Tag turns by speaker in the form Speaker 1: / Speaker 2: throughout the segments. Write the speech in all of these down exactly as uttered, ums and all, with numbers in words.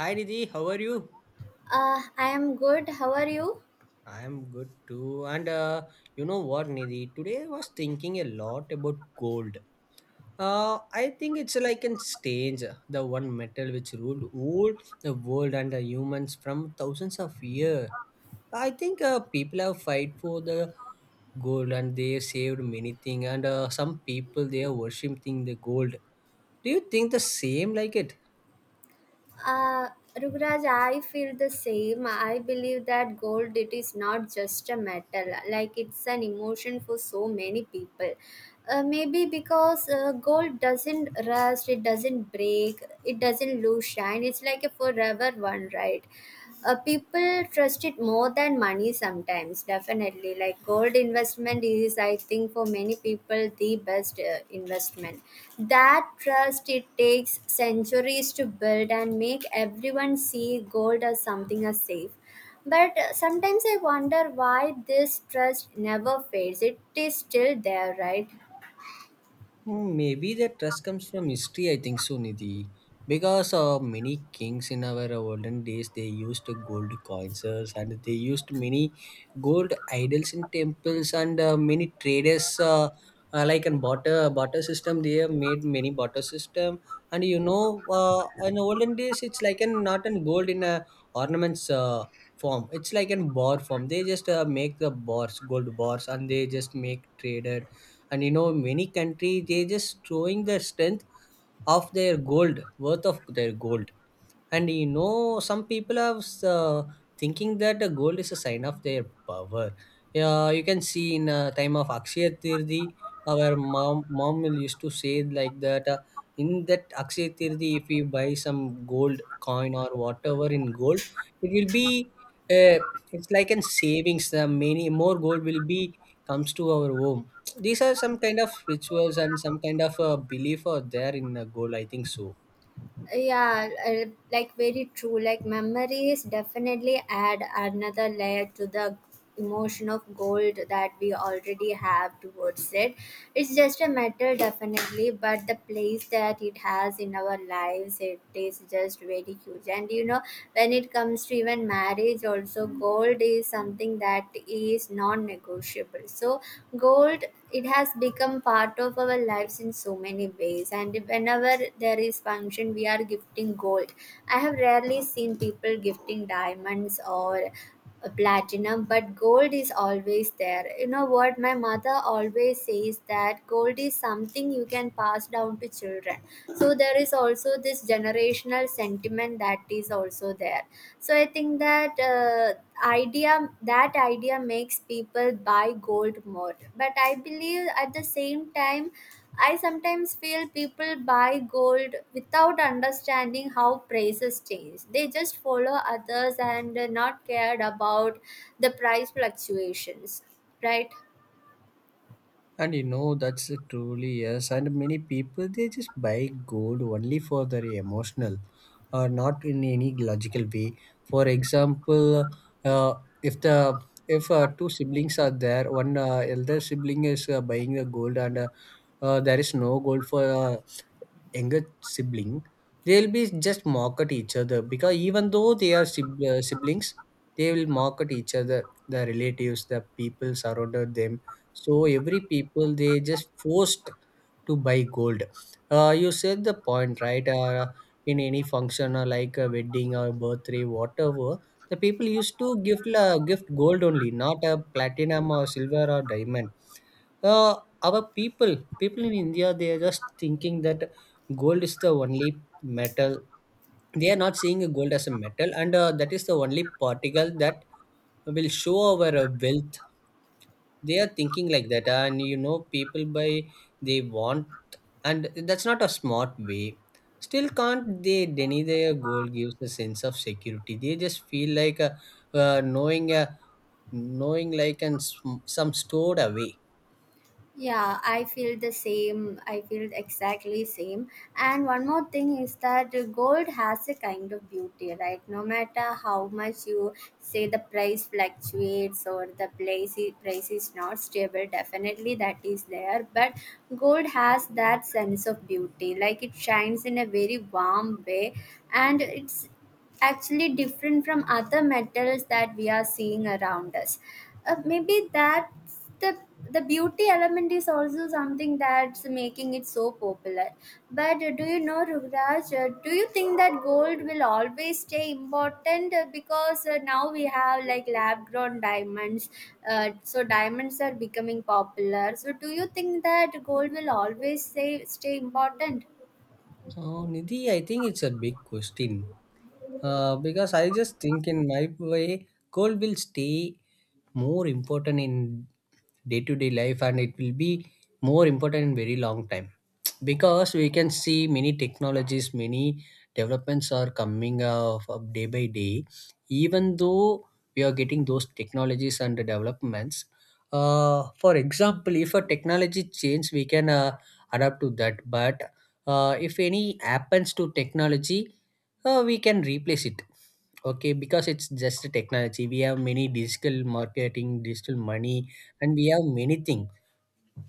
Speaker 1: Hi Nidhi, how are you?
Speaker 2: Uh, I am good. How are you?
Speaker 1: I am good too. And uh, you know what, Nidhi? Today I was thinking a lot about gold. Uh, I think it's like in stage, the one metal which ruled all the world and the humans from thousands of years. I think uh, people have fight for the gold and they saved many things. And uh, some people they are worshipping the gold. Do you think the same like it?
Speaker 2: Uh, Rugraj, I feel the same. I believe that gold, it is not just a metal, like it's an emotion for so many people. Uh, maybe because uh, gold doesn't rust, it doesn't break, it doesn't lose shine. It's like a forever one, right? Uh, people trust it more than money sometimes. Definitely, like, gold investment is, I think, for many people the best uh, investment. That trust, it takes centuries to build and make everyone see gold as something as safe. But uh, sometimes I wonder why this trust never fades. It is still there, right?
Speaker 1: Hmm, Maybe that trust comes from history, I think so, Nidhi. Because uh, many kings in our olden days, they used gold coins, uh, and they used many gold idols in temples, and uh, many traders, uh, uh, like in barter, barter system, they have made many barter system. And you know, uh, in olden days, it's like an not in gold in a ornaments uh, form. It's like in bar form. They just uh, make the bars, gold bars, and they just make trader. And you know many countries they just showing the strength of their gold, worth of their gold. And you know some people are uh, thinking that uh, gold is a sign of their power. Yeah, you can see in uh, time of Akshaya Tirthi, our mom mom will used to say like that uh, in that Akshaya Tirthi if we buy some gold coin or whatever in gold, it will be, uh, it's like an savings, the many more gold will be comes to our home. These are some kind of rituals and some kind of uh, belief are there in uh, gold, I think so.
Speaker 2: Yeah, uh, like, very true. Like, memories definitely add another layer to the emotion of gold that we already have towards it. It's just a matter, definitely, but the place that it has in our lives, it is just very huge. And, you know, when it comes to even marriage also, gold is something that is non-negotiable negotiable. So gold, it has become part of our lives in so many ways, and whenever there is function, we are gifting gold. I have rarely seen people gifting diamonds or a platinum, but gold is always there. You know what, my mother always says that gold is something you can pass down to children. So there is also this generation educational sentiment that is also there. So I think that uh, idea, that idea makes people buy gold more. But I believe, at the same time, I sometimes feel people buy gold without understanding how prices change. They just follow others and not cared about the price fluctuations, right?
Speaker 1: And you know, that's a truly yes. And many people, they just buy gold only for their emotional, or not in any logical way. For example, uh, if the if uh, two siblings are there, one uh, elder sibling is uh, buying the gold, and uh, uh, there is no gold for uh, younger sibling, they'll be just mock at each other because even though they are sib- uh, siblings, they will mock at each other, the relatives, the people surrounded them. So every people they just forced to buy gold. Uh, you said the point, right. Uh, in any function or like a wedding or birthday, whatever, the people used to give uh, gift gold only, not a platinum or silver or diamond. uh, our people people in India, they are just thinking that gold is the only metal. They are not seeing gold as a metal, and uh, that is the only particle that will show our uh, wealth. They are thinking like that. And you know people buy, they want. And that's not a smart way. Still can't they deny their gold gives a sense of security? They just feel like, uh, uh, knowing uh, knowing like, and sm- some stored away.
Speaker 2: Yeah, I feel the same. I feel exactly same. And one more thing is that gold has a kind of beauty, right? No matter how much you say the price fluctuates or the price i- price is not stable, definitely that is there, but gold has that sense of beauty. Like, it shines in a very warm way, and it's actually different from other metals that we are seeing around us. Uh, maybe that's the the beauty element is also something that's making it so popular. But uh, do you know, Rugraj, uh, do you think that gold will always stay important? Uh, because uh, now we have, like, lab grown diamonds? Uh, so diamonds are becoming popular. So do you think that gold will always stay, stay important?
Speaker 1: Oh, Nidhi, I think it's a big question. Uh, because I just think in my way, gold will stay more important in day-to-day life, and it will be more important in very long time. Because we can see many technologies, many developments are coming of of day by day. Even though we are getting those technologies and the developments, uh, for example, if a technology change, we can uh, adapt to that. But uh, if any happens to technology, uh, we can replace it. Okay, because it's just a technology. We have many digital marketing, digital money, and we have many things.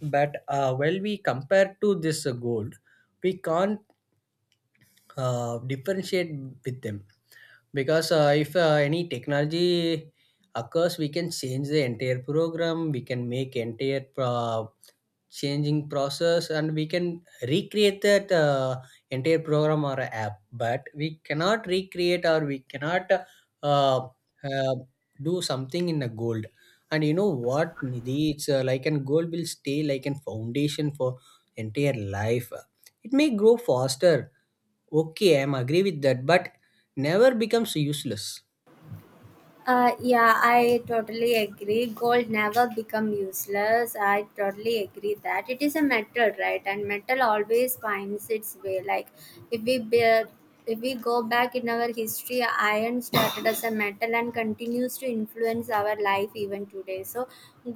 Speaker 1: But uh, while we compare to this uh, gold, we can't uh, differentiate with them. Because uh, if uh, any technology occurs, we can change the entire program. We can make entire uh, changing process, and we can recreate that uh, entire program or app. But we cannot recreate, or we cannot uh, uh, do something in a gold. And you know what, Nidhi, it's uh, like an gold will stay like an foundation for entire life. It may grow faster, okay, I'm agree with that, but never becomes useless.
Speaker 2: Uh, yeah, I totally agree. Gold never become useless. I totally agree that it is a metal, right? And metal always finds its way. Like, if we be- if we go back in our history, iron started as a metal and continues to influence our life even today. So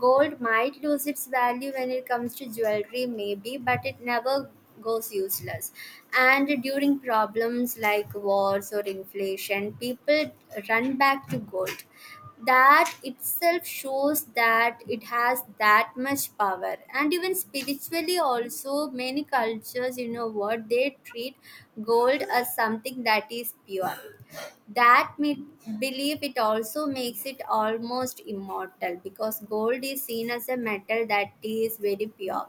Speaker 2: gold might lose its value when it comes to jewelry, maybe, but it never goes useless. And during problems like wars or inflation, people run back to gold. That itself shows that it has that much power. And even spiritually, also, many cultures, you know what, they treat gold as something that is pure, that mid- belief it also makes it almost immortal because gold is seen as a metal that is very pure.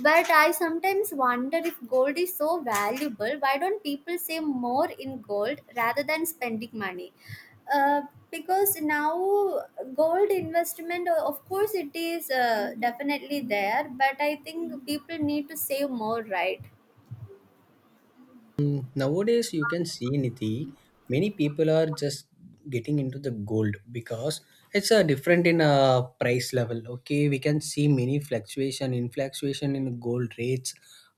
Speaker 2: But I sometimes wonder, if gold is so valuable, why don't people save more in gold rather than spending money? uh, because now gold investment, uh, of course, it is uh, definitely there, but I think people need to save more, right?
Speaker 1: Mm, Nowadays, you can see, Niti, many people are just getting into the gold because it's a different in a price level. Okay, we can see many fluctuation in fluctuation in gold rates.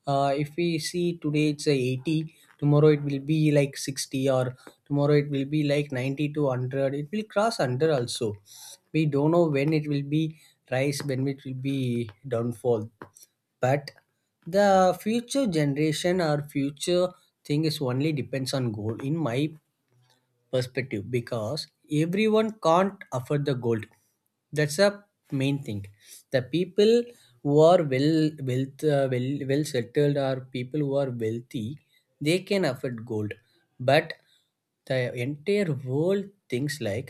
Speaker 1: Uh, if we see today it's a eighty, tomorrow it will be like sixty, or tomorrow it will be like ninety to one hundred. It will cross one hundred also. We don't know when it will be rise, when it will be downfall. But the future generation or future thing is only depends on gold, in my perspective. Because everyone can't afford the gold, that's a main thing. The people who are well wealth uh, well well settled, or people who are wealthy, they can afford gold. But the entire world thinks like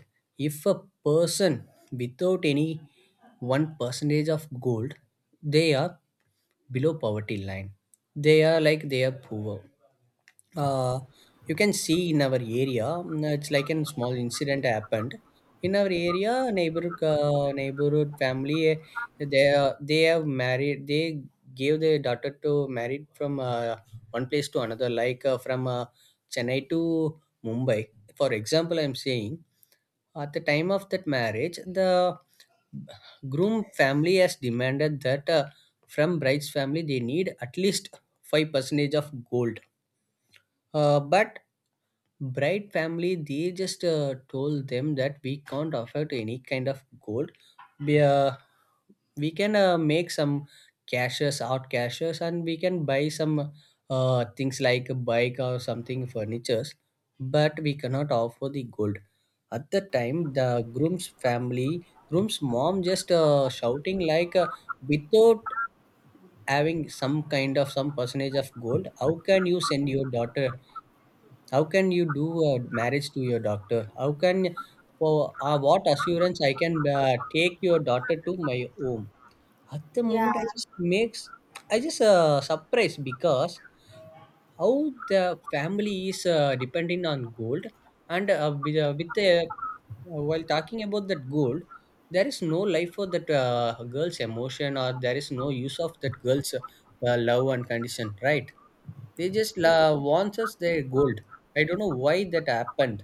Speaker 1: if a person without any one percentage of gold, they are below poverty line, they are like they are poor. uh, you can see in our area, mm, it's like a small incident happened in our area neighborhood, uh, neighborhood family, eh, they are- they have married, they gave their daughter to married from uh, one place to another, like uh, from uh, Chennai to Mumbai, for example I'm saying. At the time of that marriage, the groom family has demanded that uh, from bride's family they need at least five percentage of gold. Uh, but bride family, they just uh, told them that we can't afford any kind of gold. We, uh, we can uh, make some cashes out cashes and we can buy some uh, things like a bike or something furnitures, but we cannot offer the gold. At the time, the groom's family groom's mom just uh, shouting like, uh, without having some kind of some percentage of gold, how can you send your daughter, how can you do a marriage to your doctor? How can For uh, what assurance I can uh, take your daughter to my home? At the
Speaker 2: Yeah.
Speaker 1: moment, I just makes I just uh, surprised because how the family is uh, dependent on gold. And uh, with, uh, with the uh, while talking about that gold, there is no life for that uh, girl's emotion, or there is no use of that girl's uh, love and condition, right? They just la- wants us their gold. I don't know why that happened.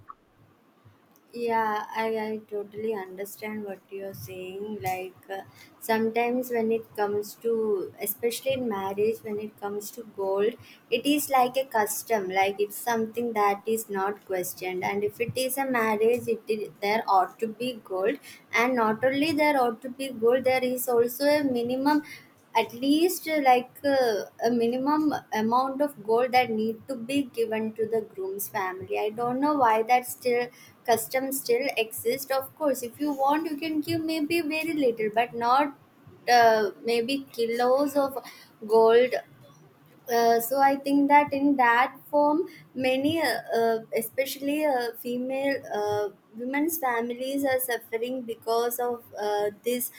Speaker 2: Yeah, I, I totally understand what you're saying. Like, uh, sometimes when it comes to, especially in marriage, when it comes to gold, it is like a custom. Like, it's something that is not questioned. And if it is a marriage, it is, there ought to be gold. And not only there ought to be gold, there is also a minimum, at least uh, like uh, a minimum amount of gold that need to be given to the groom's family. I don't know why that still custom still exists. Of course, if you want, you can give maybe very little, but not uh, maybe kilos of gold. Uh, so I think that in that form, many uh, uh, especially uh, female uh, women's families are suffering because of uh, this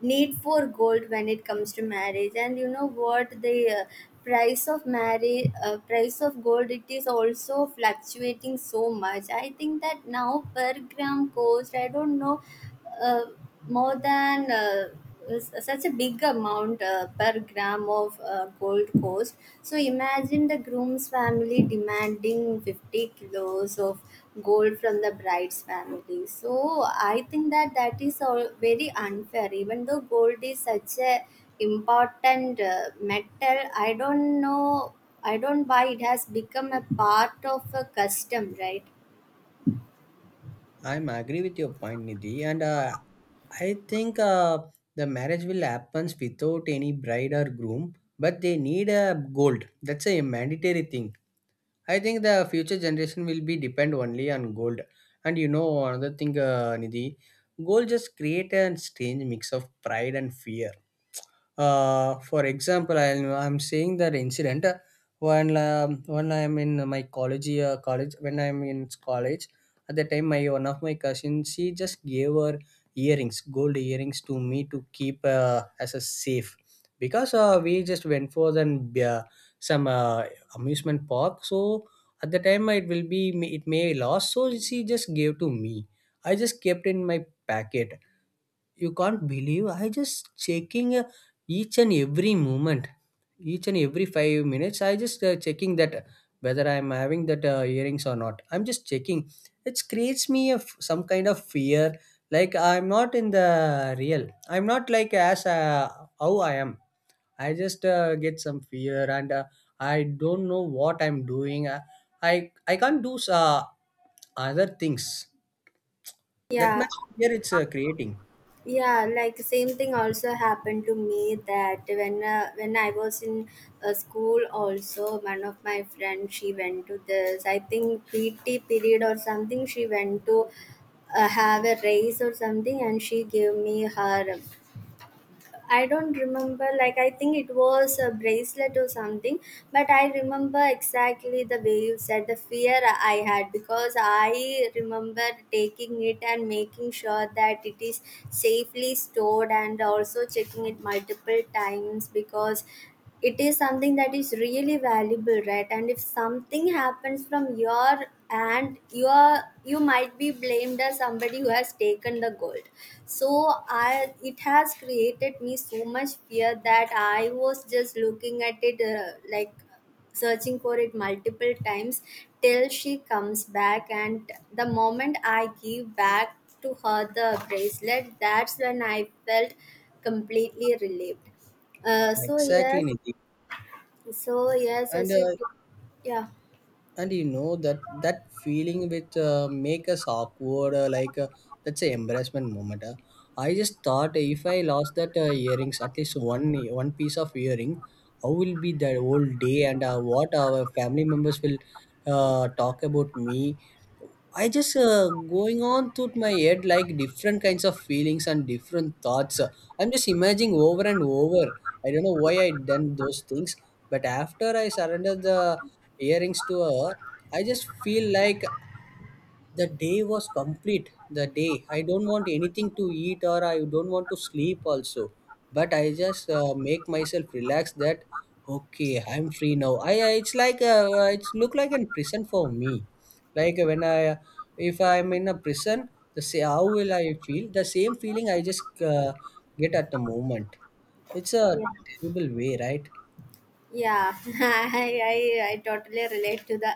Speaker 2: need for gold when it comes to marriage. And you know what, the uh, price of marriage, uh, price of gold, it is also fluctuating so much. I think that now per gram cost, I don't know, uh, more than uh, s- such a big amount uh, per gram of uh, gold cost. So imagine the groom's family demanding fifty kilos of gold from the bride's family. So I think that that is all very unfair. Even though gold is such a important uh, metal, I don't know. I don't why it has become a part of a custom, right?
Speaker 1: I'm agree with your point, Nidhi. And uh, I think uh, the marriage will happens without any bride or groom, but they need a gold. That's a mandatory thing. I think the future generation will be depend only on gold. And you know another thing, uh, Nidhi, gold just create a strange mix of pride and fear. Uh, for example, I, I'm saying that incident, uh, when um, when I'm in my college uh, college when I'm in college. At the time, my one of my cousins, she just gave her earrings gold earrings to me to keep uh, as a safe, because uh, we just went for then uh, some uh, amusement park. So at the time, it will be it may lost, so she just gave to me. I just kept in my packet. You can't believe, I just checking, uh, each and every moment, each and every five minutes. I just uh, checking that whether I'm having that uh, earrings or not. I'm just checking. It creates me a f- some kind of fear. Like I'm not in the real. I'm not like as uh, how I am. I just uh, get some fear, and uh, I don't know what I'm doing. I I, I can't do uh, other things. That
Speaker 2: Yeah,
Speaker 1: much fear it's uh, creating.
Speaker 2: yeah, like, same thing also happened to me. That when uh, when I was in uh, school also, one of my friends, she went to this, I think, PT period or something. She went to uh, have a race or something, and she gave me her, I don't remember, like, I think it was a bracelet or something, but I remember exactly the way you said the fear I had, because I remember taking it and making sure that it is safely stored, and also checking it multiple times because it is something that is really valuable, right? And if something happens from your, and you are, you might be blamed as somebody who has taken the gold. So I it has created me so much fear that I was just looking at it uh, like searching for it multiple times till she comes back. And the moment I give back to her the bracelet, that's when I felt completely relieved. Uh, so
Speaker 1: Exactly,
Speaker 2: yes.
Speaker 1: Nidhi.
Speaker 2: So yes,
Speaker 1: and
Speaker 2: as you
Speaker 1: uh,
Speaker 2: told. Yeah,
Speaker 1: and you know that that feeling which uh, make us awkward, uh, like, uh, that's a embarrassment moment uh. I just thought, if I lost that uh, earrings, at least one one piece of earring, how will be the whole day and uh, what our family members will uh, talk about me. I just uh, going on through my head like different kinds of feelings and different thoughts. I'm just imagining over and over. I don't know why I done those things. But after I surrendered the earrings to her, I just feel like the day was complete. The day, I don't want anything to eat or I don't want to sleep also. But I just uh, make myself relax that, okay, I'm free now. I, I it's like uh, It's look like a prison for me. Like when I if I'm in a prison, the say how will I feel, the same feeling I just uh, get at the moment. It's a
Speaker 2: yeah,
Speaker 1: terrible way, right?
Speaker 2: yeah. I, I I totally relate to the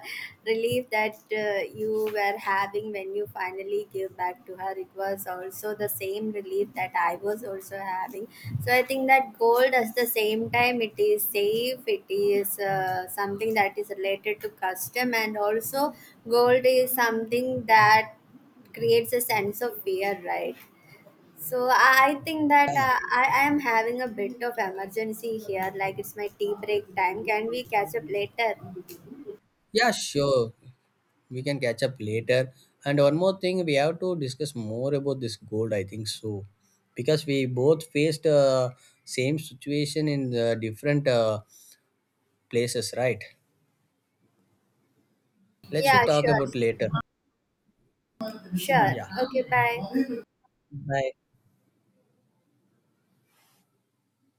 Speaker 2: relief that uh, you were having when you finally gave back to her. It was also the same relief that I was also having. So I think that gold, at the same time, it is safe. It is uh, something that is related to custom, and also gold is something that creates a sense of fear, right? So I think that uh, I, I am having a bit of emergency here. Like, it's my tea break time. Can we catch up later?
Speaker 1: Yeah, sure. We can catch up later. And one more thing, we have to discuss more about this gold, I think so. Because we both faced uh, same situation in the different uh, places, right? Let's we
Speaker 2: Yeah,
Speaker 1: talk
Speaker 2: sure.
Speaker 1: about later.
Speaker 2: Sure.
Speaker 1: Yeah.
Speaker 2: Okay, bye.
Speaker 1: Bye.